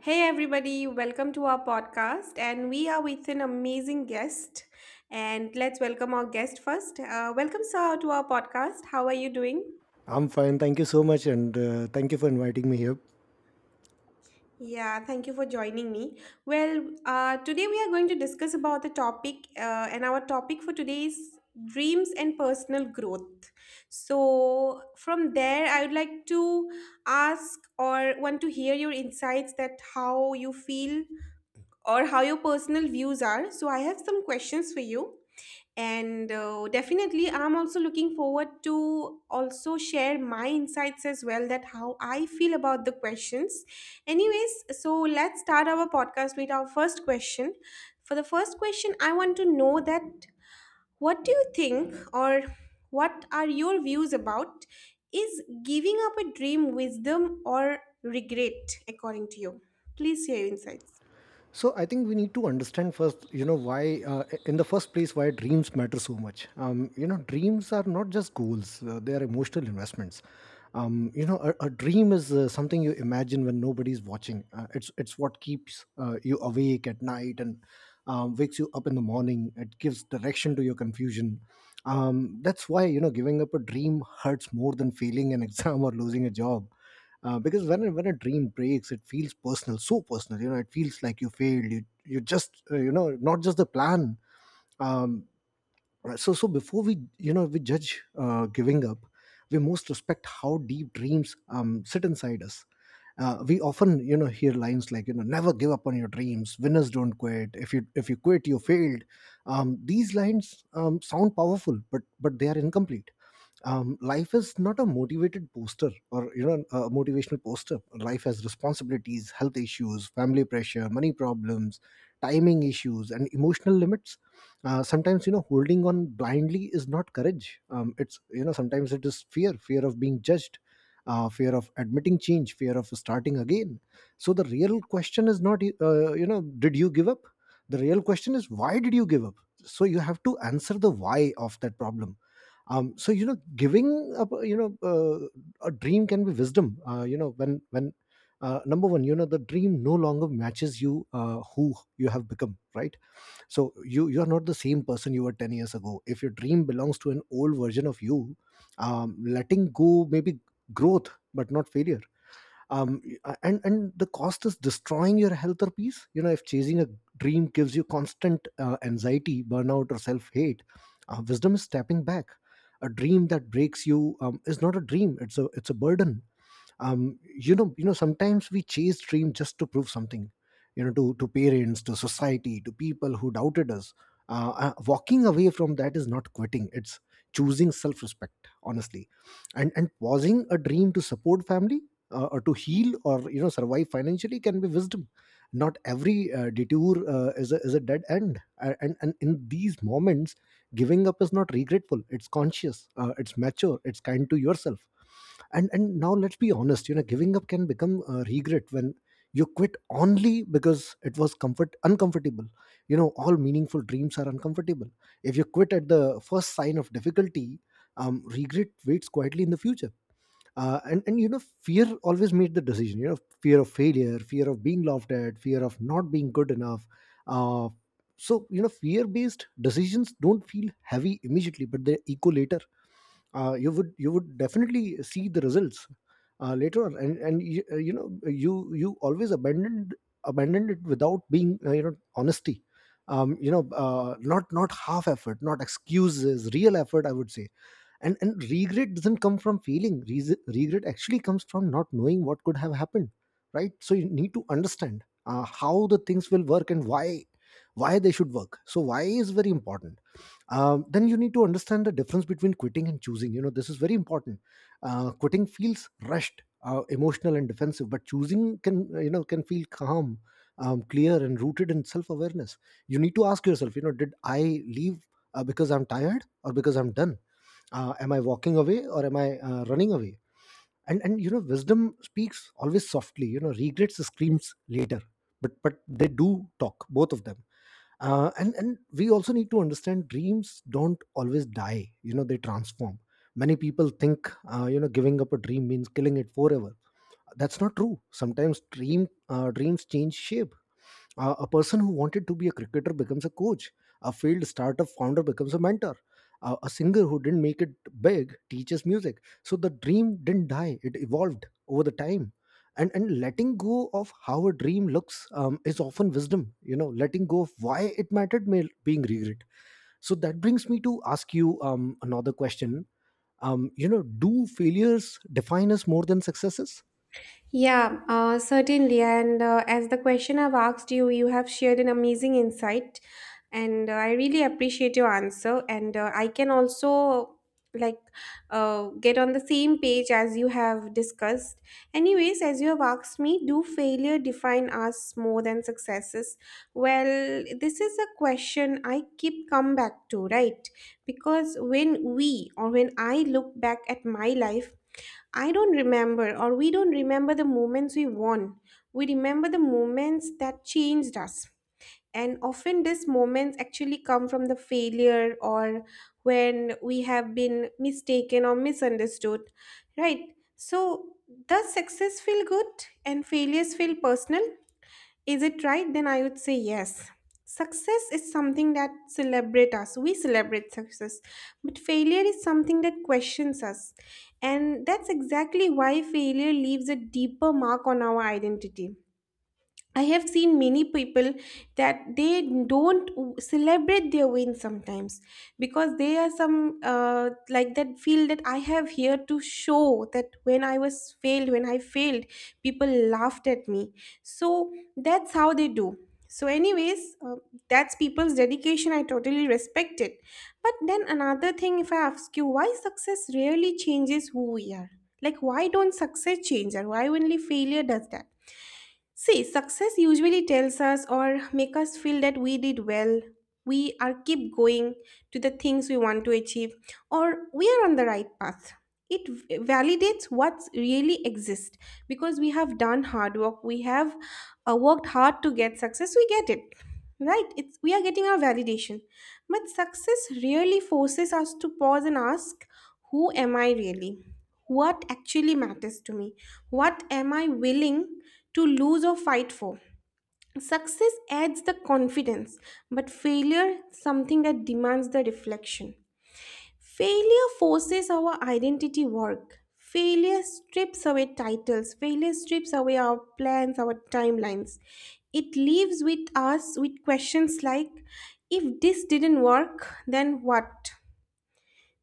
Hey everybody, welcome to our podcast and we are with an amazing guest and let's welcome our guest first. Welcome sir to our podcast. How are you doing? I'm fine. Thank you so much, and thank you for inviting me here. Yeah, thank you for joining me. Today we are going to discuss about the topic, and our topic for today is dreams and personal growth. So from there I would like to ask or want to hear your insights that how you feel or how your personal views are. So I have some questions for you. And definitely, I'm also looking forward to also share my insights as well that how I feel about the questions. Anyways, so let's start our podcast with our first question. For the first question, I want to know that what do you think or what are your views about is giving up a dream wisdom or regret according to you? Please share your insights. So I think we need to understand first, you know, why in the first place why dreams matter so much. Dreams are not just goals; they are emotional investments. A dream is something you imagine when nobody's watching. It's what keeps you awake at night and wakes you up in the morning. It gives direction to your confusion. That's why you know giving up a dream hurts more than failing an exam or losing a job because when a dream breaks, it feels personal, so personal. You know, it feels like you failed, you just, you know, not just the plan. Um right, so before we you know we judge giving up, we most respect how deep dreams sit inside us. We often, you know, hear lines like, you know, never give up on your dreams, winners don't quit, if you quit you failed. These lines sound powerful, but they are incomplete. Life is not a motivated poster, or, you know, a motivational poster. Life has responsibilities, health issues, family pressure, money problems, timing issues, and emotional limits. Sometimes, you know, holding on blindly is not courage. It's, you know, sometimes it is fear. Fear of being judged, fear of admitting change, fear of starting again. So the real question is not, you know, did you give up. The real question is, why did you give up? So you have to answer the why of that problem. So you know, giving up, a dream can be wisdom, you know, when number one, you know, the dream no longer matches you who you have become, right? So you are not the same person you were 10 years ago. If your dream belongs to an old version of you, letting go maybe growth but not failure. um, and the cost is destroying your health or peace. You know, if chasing a dream gives you constant anxiety, burnout, or self-hate, wisdom is stepping back. A dream that breaks you is not a dream, it's a burden. You know, sometimes we chase dream just to prove something, you know, to parents, to society, to people who doubted us. Walking away from that is not quitting, it's choosing self respect, honestly. And pausing a dream to support family, or to heal, or, you know, survive financially can be wisdom. Not every detour is a dead end. And in these moments giving up is not regretful, it's conscious, it's mature, it's kind to yourself. And now let's be honest, you know, giving up can become regret when you quit only because it was comfort uncomfortable. You know, all meaningful dreams are uncomfortable. If you quit at the first sign of difficulty, regret waits quietly in the future. And you know, fear always made the decision. You know, fear of failure, fear of being laughed at, fear of not being good enough. uh, so you know, fear based decisions don't feel heavy immediately, but they echo later. You would, you would definitely see the results later on. You know, you always abandoned it without being you know, honesty. Not half effort, not excuses, real effort, I would say. And regret doesn't come from regret actually comes from not knowing what could have happened, right? So you need to understand how the things will work and why. Why they should work. So why is very important. Then you need to understand the difference between quitting and choosing. You know, this is very important. Quitting feels rushed, emotional, and defensive. But choosing can, you know, can feel calm, clear, and rooted in self-awareness. You need to ask yourself, you know, did I leave because I'm tired, or because I'm done? Am I walking away, or am I running away? And you know, wisdom speaks always softly, you know, regrets screams later. But they do talk, both of them. And we also need to understand, dreams don't always die, you know, they transform. Many people think, you know, giving up a dream means killing it forever. That's not true. Sometimes dreams change shape. A person who wanted to be a cricketer becomes a coach. A failed startup founder becomes a mentor. A singer who didn't make it big teaches music. So the dream didn't die; it evolved over the time. And letting go of how a dream looks is often wisdom. You know, letting go of why it mattered may being regret. So that brings me to ask you another question. You know, do failures define us more than successes? Yeah, certainly. And as the question I've asked you, you have shared an amazing insight, and I really appreciate your answer. And I can also like get on the same page as you have discussed. Anyways, as you have asked me, do failure define us more than successes? Well, this is a question I keep come back to, right? Because when we or when I look back at my life, I don't remember, or we don't remember the moments we won. We remember the moments that changed us. And often, these moments actually come from the failure or when we have been mistaken or misunderstood, right? So, does success feel good and failures feel personal? Is it right? Then I would say yes. Success is something that celebrate us. We celebrate success. But failure is something that questions us. And that's exactly why failure leaves a deeper mark on our identity. I have seen many people that they don't w- celebrate their win sometimes because they are some like that feel that I have here to show that when I failed, people laughed at me. So that's how they do. So, anyways, that's people's dedication. I totally respect it. But then another thing, if I ask you, why success rarely changes who we are? Like, why don't success change? Or why only failure does that? See, success usually tells us or make us feel that we did well. We are keep going to the things we want to achieve or we are on the right path. It validates what's really exists because we have done hard work, we have worked hard to get success we get it, right? It's we are getting our validation. But success really forces us to pause and ask, who am I really? What actually matters to me? What am I willing to lose or fight for? Success adds the confidence, but failure something that demands the reflection. Failure forces our identity work. Failure strips away titles. Failure strips away our plans, our timelines. It leaves with us with questions like, if this didn't work, then what?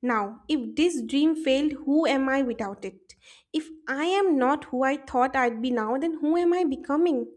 Now, if this dream failed, who am I without it? If I am not who I thought I'd be now, then who am I becoming?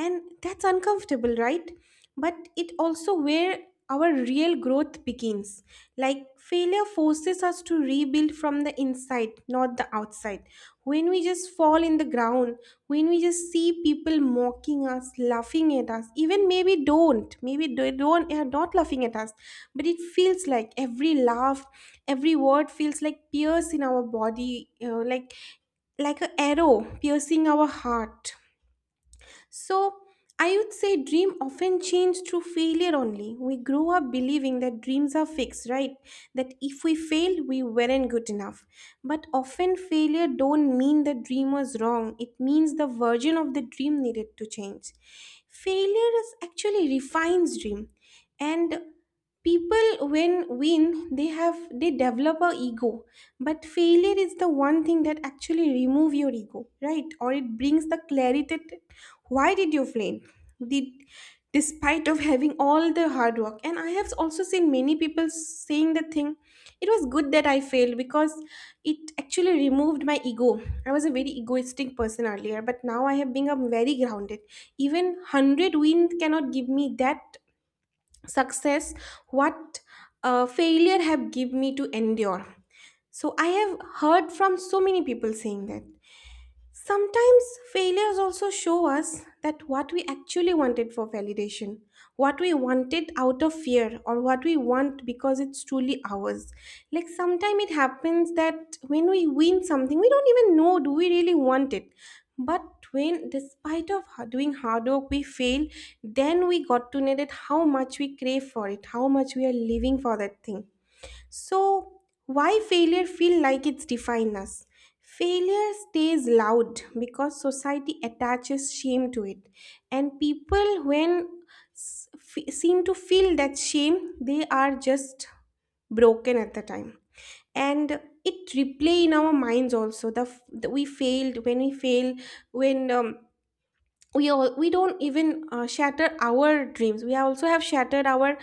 And that's uncomfortable, right? But it also where our real growth begins. Like failure forces us to rebuild from the inside not the outside. When we just fall in the ground, when we just see people mocking us, laughing at us, even maybe don't, maybe they don't are not laughing at us, but it feels like every laugh, every word feels like pierce in our body, like a arrow piercing our heart. So I would say dream often change through failure only. We grow up believing that dreams are fixed, right? That if we fail, we weren't good enough. But often failure don't mean the dream was wrong. It means the version of the dream needed to change. Failure is actually refines dream. And people when win, they develop a ego. But failure is the one thing that actually remove your ego, right? Or it brings the clarity that why did you fail, did despite of having all the hard work. And I have also seen many people saying the thing, it was good that I failed because it actually removed my ego. I was a very egoistic person earlier but now I have become very grounded. Even 100 wins cannot give me that success what failure have give me to endure. So I have heard from so many people saying that sometimes failures also show us that what we actually wanted for validation, what we wanted out of fear, or what we want because it's truly ours. Like sometimes it happens that when we win something, we don't even know do we really want it. But when, doing hard work, we fail, then we got to know that how much we crave for it, how much we are living for that thing. So, why failure feel like it's define us? Failure stays loud because society attaches shame to it, and people when seem to feel that shame, they are just broken at the time. And it replay in our minds also, the, f- the we failed, when we fail, when we all, we don't even shatter our dreams, we also have shattered our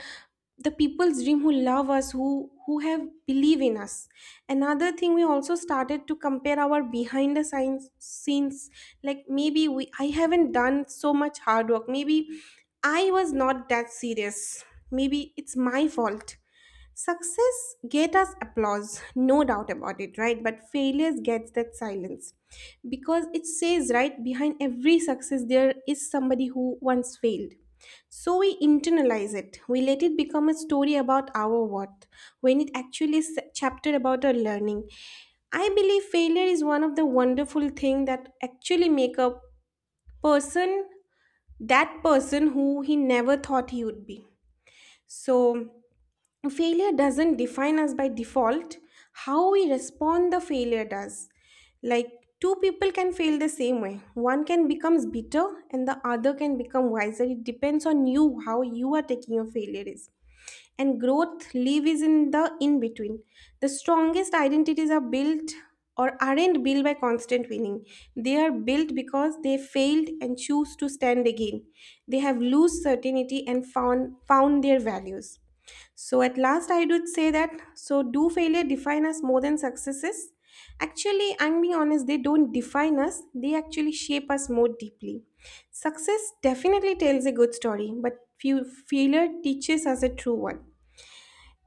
the people's dream who love us, who have believe in us. Another thing, we also started to compare our behind the scenes, like maybe we I haven't done so much hard work, maybe I was not that serious, maybe it's my fault. Success get us applause, no doubt about it, right? But failures gets that silence because it says right behind every success there is somebody who once failed. So we internalize it. We let it become a story about our worth when it actually is a chapter about our learning. I believe failure is one of the wonderful thing that actually make a person that person who he never thought he would be. So failure doesn't define us by default, how we respond the failure does. Like two people can fail the same way, one can becomes bitter and the other can become wiser. It depends on you how you are taking your failure is. And growth live is in the in between. The strongest identities are built or aren't built by constant winning. They are built because they failed and choose to stand again. They have lost certainty and found their values. So at last, I would say that, so do failure define us more than successes? Actually, I'm being honest, they don't define us. They actually shape us more deeply. Success definitely tells a good story, but few failure teaches us a true one.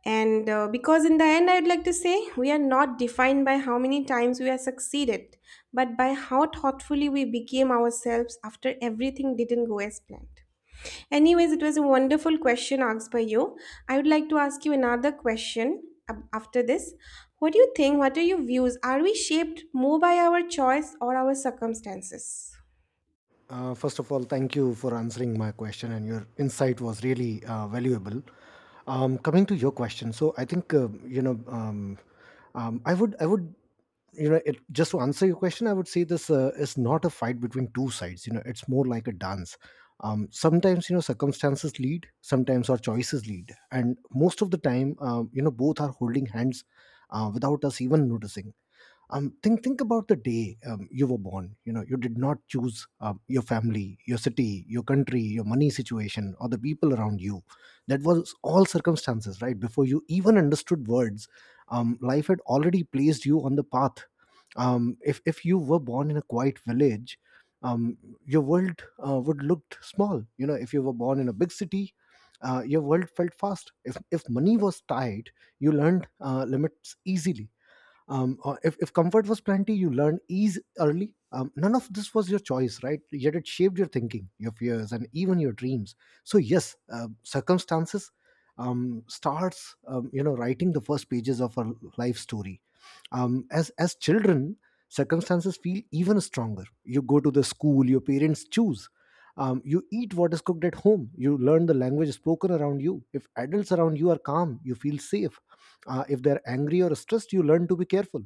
And because in the end, I'd like to say we are not defined by how many times we have succeeded, but by how thoughtfully we became ourselves after everything didn't go as planned. Anyways, it was a wonderful question asked by you. I would like to ask you another question after this. What do you think? What are your views? Are we shaped more by our choice or our circumstances? First of all, thank you for answering my question, and your insight was really valuable. Coming to your question, so I think, um, I would, I would, you know, just to answer your question, I would say this is not a fight between two sides. You know, it's more like a dance. Sometimes, you know, circumstances lead, sometimes our choices lead, and most of the time, you know, both are holding hands without us even noticing. Think about the day you were born. You know, you did not choose your family, your city, your country, your money situation, or the people around you. That was all circumstances, right? Before you even understood words, life had already placed you on the path. If you were born in a quiet village, um, your world would looked small. You know, if you were born in a big city, your world felt fast. If money was tight, you learned limits easily. Or if comfort was plenty, you learned ease early. None of this was your choice, right? Yet it shaped your thinking, your fears, and even your dreams. So yes, circumstances starts, you know, writing the first pages of our life story. As children, circumstances feel even stronger. You go to the school your parents choose, you eat what is cooked at home, you learn the language spoken around you. If adults around you are calm, you feel safe. If they're angry or stressed, you learn to be careful.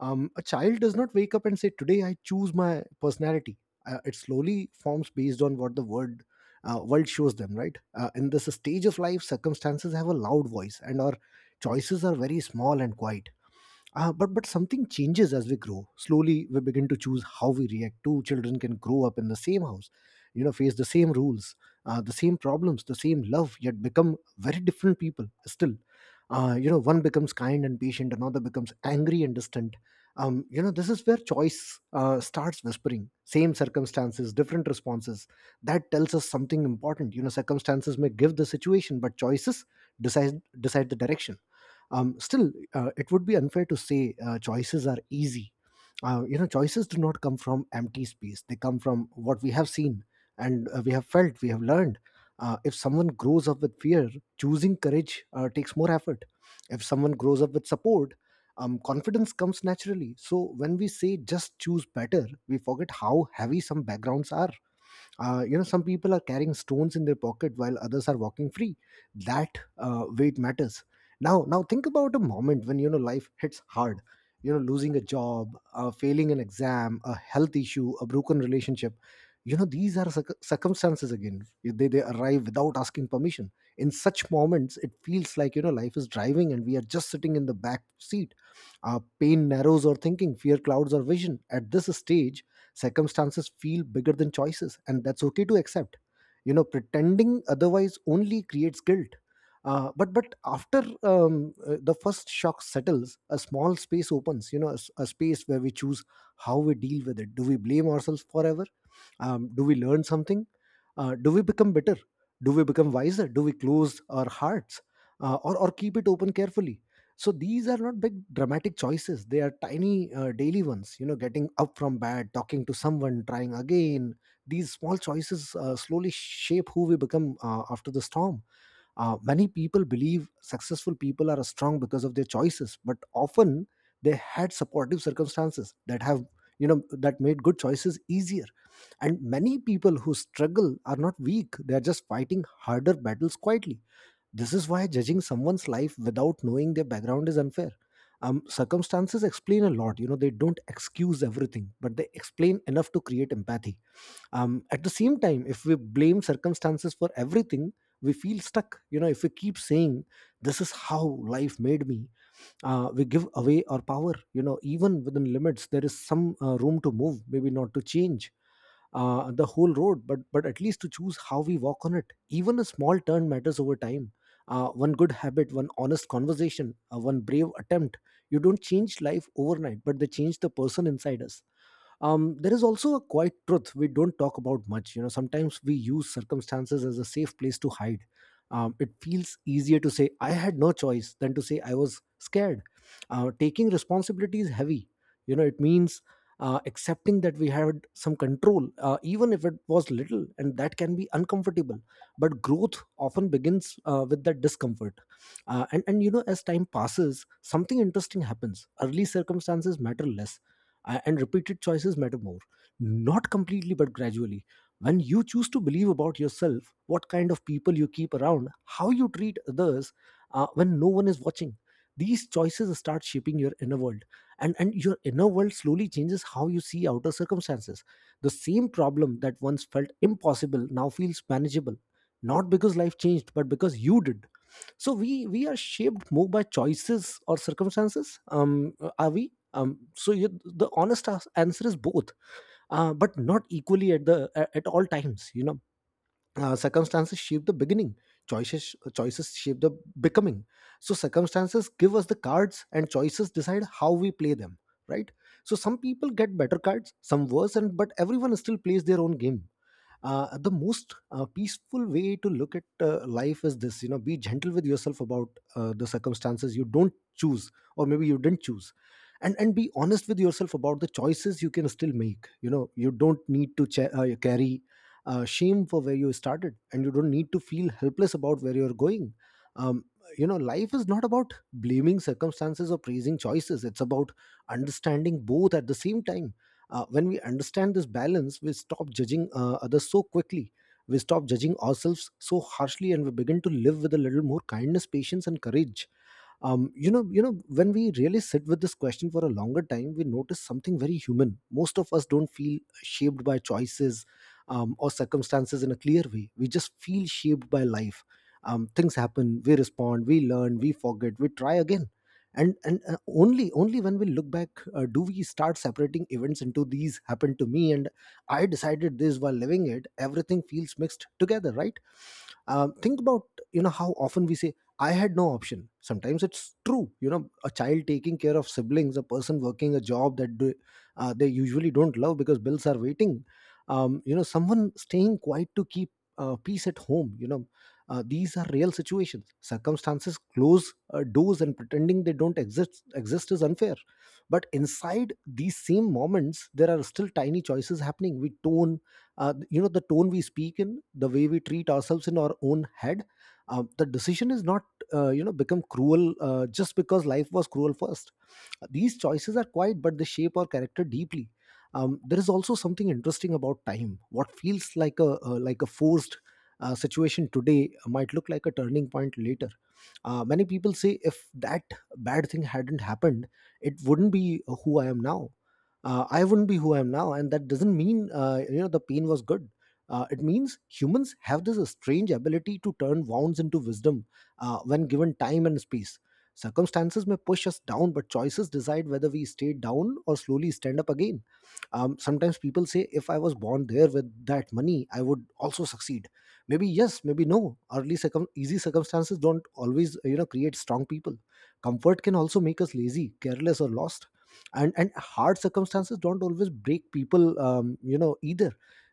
A child does not wake up and say, "Today I choose my personality." It slowly forms based on what the world shows them. Right, in this stage of life, circumstances have a loud voice, and our choices are very small and quiet. But something changes as we grow. Slowly, we begin to choose how we react. Two children can grow up in the same house, you know, face the same rules, the same problems, the same love, yet become very different people. Still, you know, one becomes kind and patient, another becomes angry and distant. You know, this is where choice starts whispering. Same circumstances, different responses. That tells us something important. You know, circumstances may give the situation, but choices decide the direction. Still, it would be unfair to say choices are easy. You know, choices do not come from empty space. They come from what we have seen and we have felt, we have learned. If someone grows up with fear, choosing courage takes more effort. If someone grows up with support, confidence comes naturally. So when we say just choose better, we forget how heavy some backgrounds are. You know, some people are carrying stones in their pocket while others are walking free. That weight matters. Now think about a moment when, you know, life hits hard. You know, losing a job, failing an exam, a health issue, a broken relationship. You know, these are circumstances. Again, they arrive without asking permission. In such moments, it feels like, you know, life is driving and we are just sitting in the back seat. Pain narrows our thinking, fear clouds our vision. At this stage, circumstances feel bigger than choices, and that's okay to accept. You know, pretending otherwise only creates guilt. But after the first shock settles, a small space opens. You know, a space where we choose how we deal with it. Do we blame ourselves forever? Do we learn something? Do we become better? Do we become wiser? Do we close our hearts, or keep it open carefully? So these are not big dramatic choices. They are tiny daily ones. You know, getting up from bed, talking to someone, trying again. These small choices slowly shape who we become after the storm. Many people believe successful people are strong because of their choices, but often they had supportive circumstances that have, you know, that made good choices easier. And many people who struggle are not weak. They are just fighting harder battles quietly. This is why judging someone's life without knowing their background is unfair. Circumstances explain a lot. You know, they don't excuse everything, but they explain enough to create empathy. At the same time, if we blame circumstances for everything, we feel stuck. You know, if we keep saying, "This is how life made me," we give away our power. You know, even within limits, there is some room to move, maybe not to change the whole road, but at least to choose how we walk on it. Even a small turn matters over time. One good habit, one honest conversation, one brave attempt. You don't change life overnight, but they change the person inside us. There is also a quiet truth we don't talk about much. You know, sometimes we use circumstances as a safe place to hide. It feels easier to say I had no choice than to say I was scared. Taking responsibility is heavy. You know, it means accepting that we had some control, even if it was little, and that can be uncomfortable. But growth often begins with that discomfort. And you know, as time passes, something interesting happens. Early circumstances matter less, and repeated choices matter more. Not completely, but gradually. When you choose to believe about yourself, what kind of people you keep around, how you treat others, when no one is watching, these choices start shaping your inner world. And your inner world slowly changes how you see outer circumstances. The same problem that once felt impossible now feels manageable, not because life changed, but because you did. So we are shaped more by choices or circumstances? Are we so you, The honest answer is both. But not equally at at all times, you know. Circumstances shape the beginning. Choices shape the becoming. So circumstances give us the cards, and choices decide how we play them, right? So some people get better cards, some worse, and but everyone still plays their own game. The most peaceful way to look at life is this. You know, be gentle with yourself about the circumstances you don't choose, or maybe you didn't choose, and be honest with yourself about the choices you can still make. You know, you don't need to carry shame for where you started, and you don't need to feel helpless about where you're going. um, you know, life is not about blaming circumstances or praising choices. It's about understanding both at the same time. When we understand this balance, we stop judging others so quickly. We stop judging ourselves so harshly, and we begin to live with a little more kindness, patience, and courage. You know, when we really sit with this question for a longer time, we notice something very human. Most of us don't feel shaped by choices or circumstances in a clear way. We just feel shaped by life. Things happen, we respond, we learn, we forget, we try again. And only when we look back, do we start separating events into, "These happened to me," and, "I decided this." While living it, everything feels mixed together, right? Think about, you know, how often we say, "I had no option." Sometimes it's true. You know, a child taking care of siblings, a person working a job that they usually don't love because bills are waiting, you know, someone staying quiet to keep peace at home. You know, these are real situations. Circumstances close doors, and pretending they don't exist is unfair. But inside these same moments, there are still tiny choices happening. We tone You know, the tone we speak in, the way we treat ourselves in our own head. The decision is not, you know, become cruel just because life was cruel first. These choices are quiet, but they shape our character deeply. There is also something interesting about time. What feels like a forced situation today might look like a turning point later. Many people say, if that bad thing hadn't happened, it wouldn't be who I am now. I wouldn't be who I am now, and that doesn't mean you know, the pain was good. It means humans have this strange ability to turn wounds into wisdom when given time and space. Circumstances may push us down, but choices decide whether we stay down or slowly stand up again. Sometimes people say, if I was born there with that money, I would also succeed. Maybe yes, maybe no. Easy circumstances don't always, you know, create strong people. Comfort can also make us lazy, careless, or lost. And hard circumstances don't always break people, you know, either.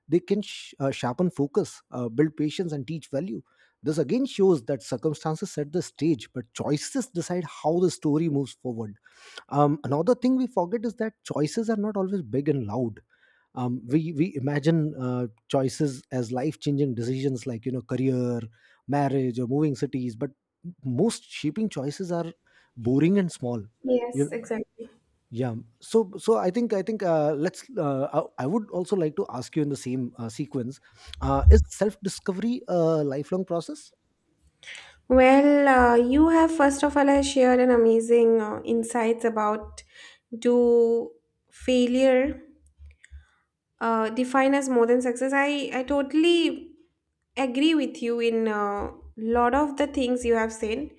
They can sharpen focus, build patience, and teach value. This again shows that circumstances set the stage, but choices decide how the story moves forward. Another thing we forget is that choices are not always big and loud. We imagine choices as life changing decisions, like, you know, career, marriage, or moving cities, but most shaping choices are boring and small. You Yes, exactly. yeah. So so I think let's. I would also like to ask you in the same sequence: is self discovery a lifelong process? Well, you have first of all has shared an amazing insights about do failure define as more than success. I totally agree with you in a lot of the things you have said.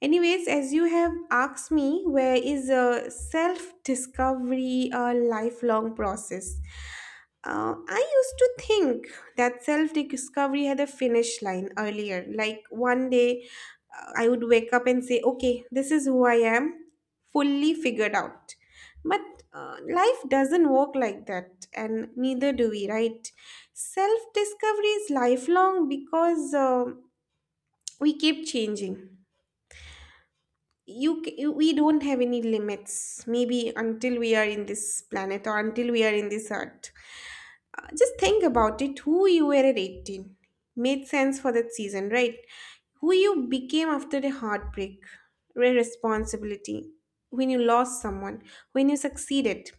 Anyways, as you have asked me, where is a self discovery a lifelong process? I used to think that self discovery had a finish line earlier. Like one day I would wake up and say, okay, this is who I am, fully figured out. But life doesn't work like that, and neither do we, right? Self discovery is lifelong because we keep changing. We don't have any limits, maybe until we are in this planet or until we are in this earth. Just think about it, who you were at 18 made sense for that season, right? Who you became after the heartbreak, responsibility, when you lost someone, when you succeeded,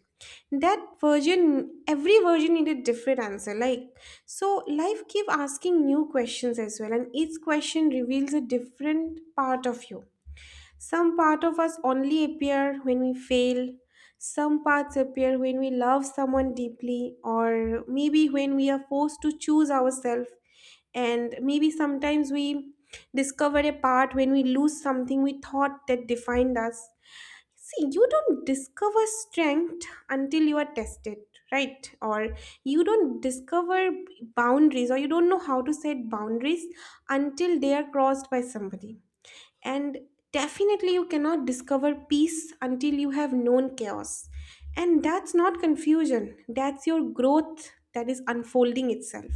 that version, every version needed different answer. Like so life keep asking new questions as well and each question reveals a different part of you. Some part of us only appear when we fail. Some parts appear when we love someone deeply, or maybe when we are forced to choose ourselves. And maybe sometimes we discover a part when we lose something we thought that defined us. See, you don't discover strength until you are tested, right? Or you don't discover boundaries, or you don't know how to set boundaries until they are crossed by somebody. And definitely, you cannot discover peace until you have known chaos. And that's not confusion, that's your growth that is unfolding itself.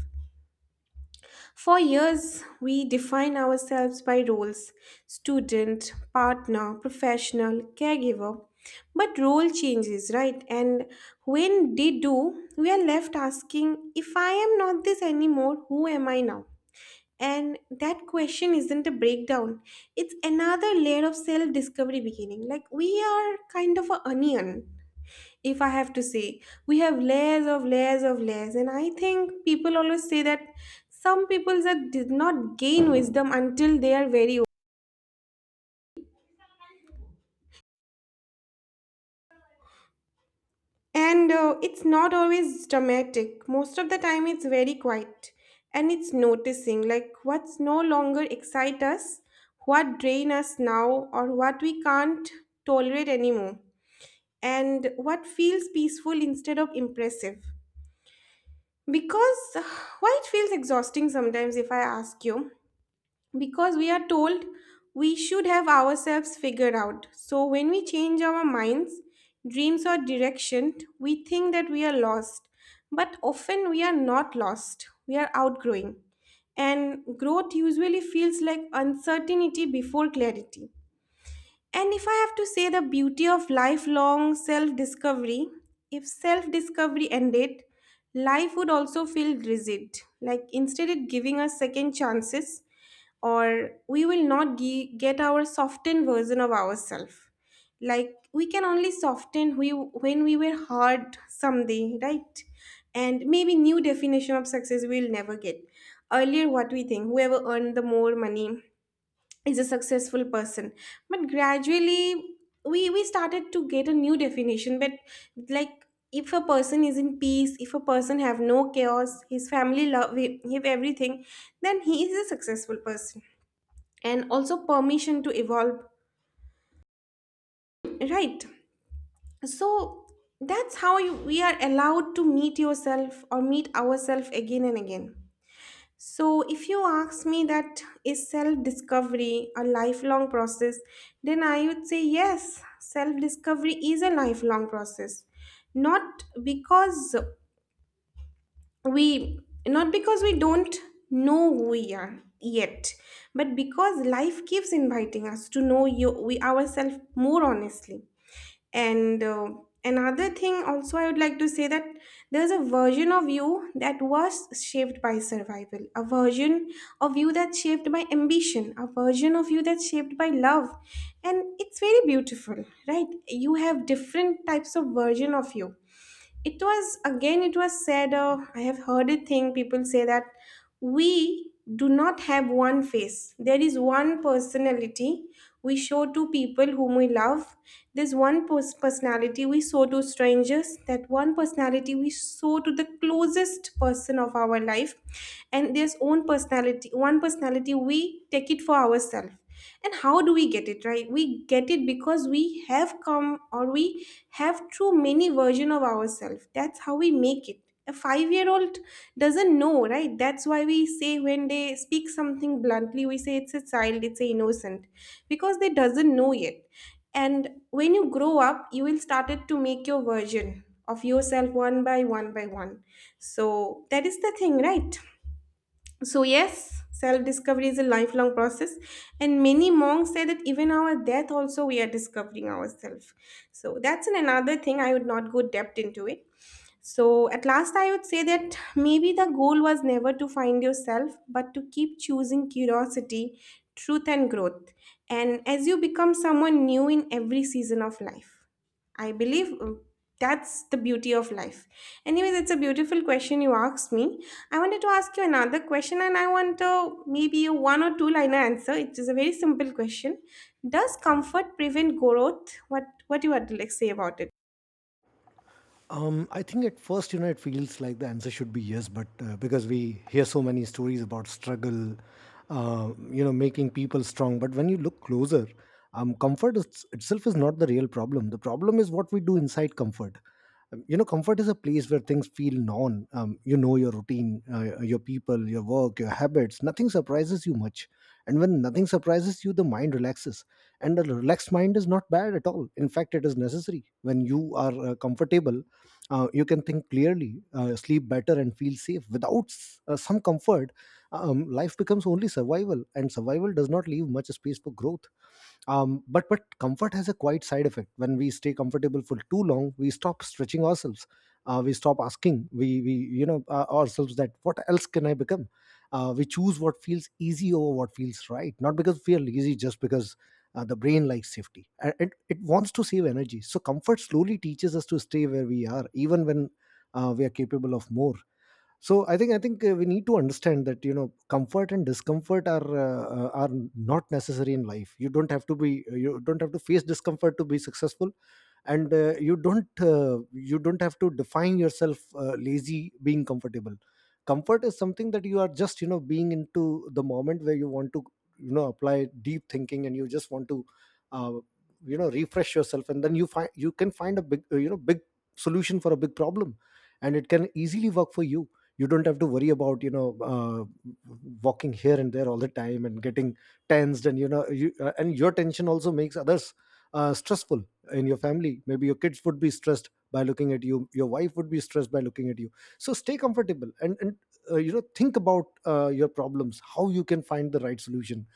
For years, we define ourselves by roles student, partner, professional, caregiver. But role changes, right? And when they do, we are left asking if I am not this anymore, who am I now? And that question isn't a breakdown. It's another layer of self discovery beginning. Like we are kind of an onion, if I have to say. We have layers of layers of layers. And I think people always say that some people that did not gain wisdom until they are very old. And It's not always dramatic. Most of the time, it's very quiet. And it's noticing like what's no longer excite us, what drain us now, or what we can't tolerate anymore. And what feels peaceful instead of impressive. Because why it feels exhausting sometimes, if I ask you, because we are told we should have ourselves figured out. So when we change our minds, dreams, or direction, we think that we are lost. But often we are not lost, we are outgrowing. And growth usually feels like uncertainty before clarity. And if I have to say the beauty of lifelong self discovery, if self discovery ended, life would also feel rigid. Like instead of giving us second chances, or we will not get our softened version of ourselves. Like we can only soften we, when we were hard someday, right? And maybe new definition of success we'll never get. Earlier, what we think, whoever earned the more money is a successful person, but gradually we started to get a new definition, but like, if a person is in peace, if a person have no chaos, his family love him, have everything, then he is a successful person. And also permission to evolve, right? So that's how you, we are allowed to meet yourself or meet ourselves again and again. So, if you ask me that is self discovery a lifelong process, then I would say yes, self discovery is a lifelong process. Not because we Not because we don't know who we are yet, but because life keeps inviting us to know you we ourselves more honestly. And Another thing also I would like to say that there's a version of you that was shaped by survival, a version of you that's shaped by ambition, a version of you that's shaped by love. And it's very beautiful, right? You have different types of version of you. It was again it was said, I have heard a thing people say that we do not have one face. There is one personality we show to people whom we love. There's one personality we show to strangers, that one personality we show to the closest person of our life. And there's own personality, one personality we take it for ourselves. And how do we get it, right? We get it because we have come, or we have too many version of ourselves, that's how we make it. A 5-year-old doesn't know, right? That's why we say when they speak something bluntly, we say it's a child, it's a innocent, because they doesn't know yet. And when you grow up, you will started to make your version of yourself one by one by one. So that is the thing, right? So, yes, self discovery is a lifelong process, and many monks say that even our death, also, we are discovering ourselves. So, that's an another thing I would not go depth into it. So, at last, I would say that maybe the goal was never to find yourself, but to keep choosing curiosity, truth, and growth. And as you become someone new in every season of life, I believe that's the beauty of life. Anyways, it's a beautiful question you asked me. I wanted to ask you another question, and I want to maybe a one or two liner answer. It is a very simple question. Does comfort prevent growth? What do you have to like say about it? I think at first, you know, it feels like the answer should be yes, but because we hear so many stories about struggle, you know, making people strong. But when you look closer, itself is not the real problem. The problem is what we do inside comfort. You know, comfort is a place where things feel known. You know, your routine, your people, school, your work, your habits, nothing surprises you much. And when nothing surprises you, the mind relaxes. And a relaxed mind is not bad at all. In fact, it is necessary. When you are comfortable, you can think clearly, sleep better, and feel safe. Without some comfort, life becomes only survival, and survival does not leave much space for growth. But comfort has a quite side effect. When we stay comfortable for too long, we stop stretching ourselves. Uh, we stop asking we you know ourselves, that what else can I become? We choose what feels easy over what feels right, not because we are lazy, just because the brain likes safety and it wants to save energy. So comfort slowly teaches us to stay where we are even when we are capable of more. So i think i think uh, we need to understand that, you know, comfort and discomfort are not necessary in life. You don't have to be you don't have to face discomfort to be successful, and you don't have to define yourself lazy being comfortable. Comfort is something that you are just, you know, being into the moment where you want to, you know, apply deep thinking, and you just want to uh, you know, refresh yourself. And then you find, you can find a big you know, big solution for a big problem, and it can easily work for you. You don't have to worry about, you know, walking here and there all the time and getting tensed, and you know, you and your tension also makes others stressful in your family. Maybe your kids would be stressed by looking at you, your wife would be stressed by looking at you. So stay comfortable, and you know, think about your problems, how you can find the right solution,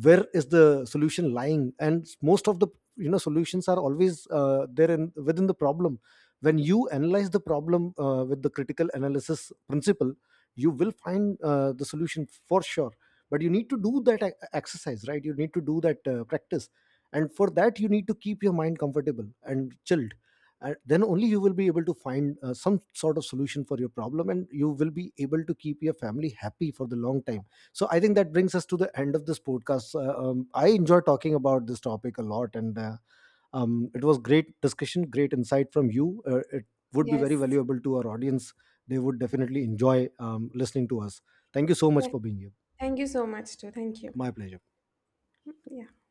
where is the solution lying. And most of the, you know, solutions are always there in within the problem. When you analyze the problem with the critical analysis principle, you will find the solution for sure. But you need to do that exercise, right? You need to do that practice. And for that, you need to keep your mind comfortable and chilled, and then only you will be able to find some sort of solution for your problem, and you will be able to keep your family happy for the long time. So I think that brings us to the end of this podcast. I enjoy talking about this topic a lot, and it was great discussion, great insight from you. It would be very Yes. valuable to our audience. They would definitely enjoy listening to us. Thank you so much Yes. for being here. Thank you so much, too. Thank you. My pleasure. Yeah.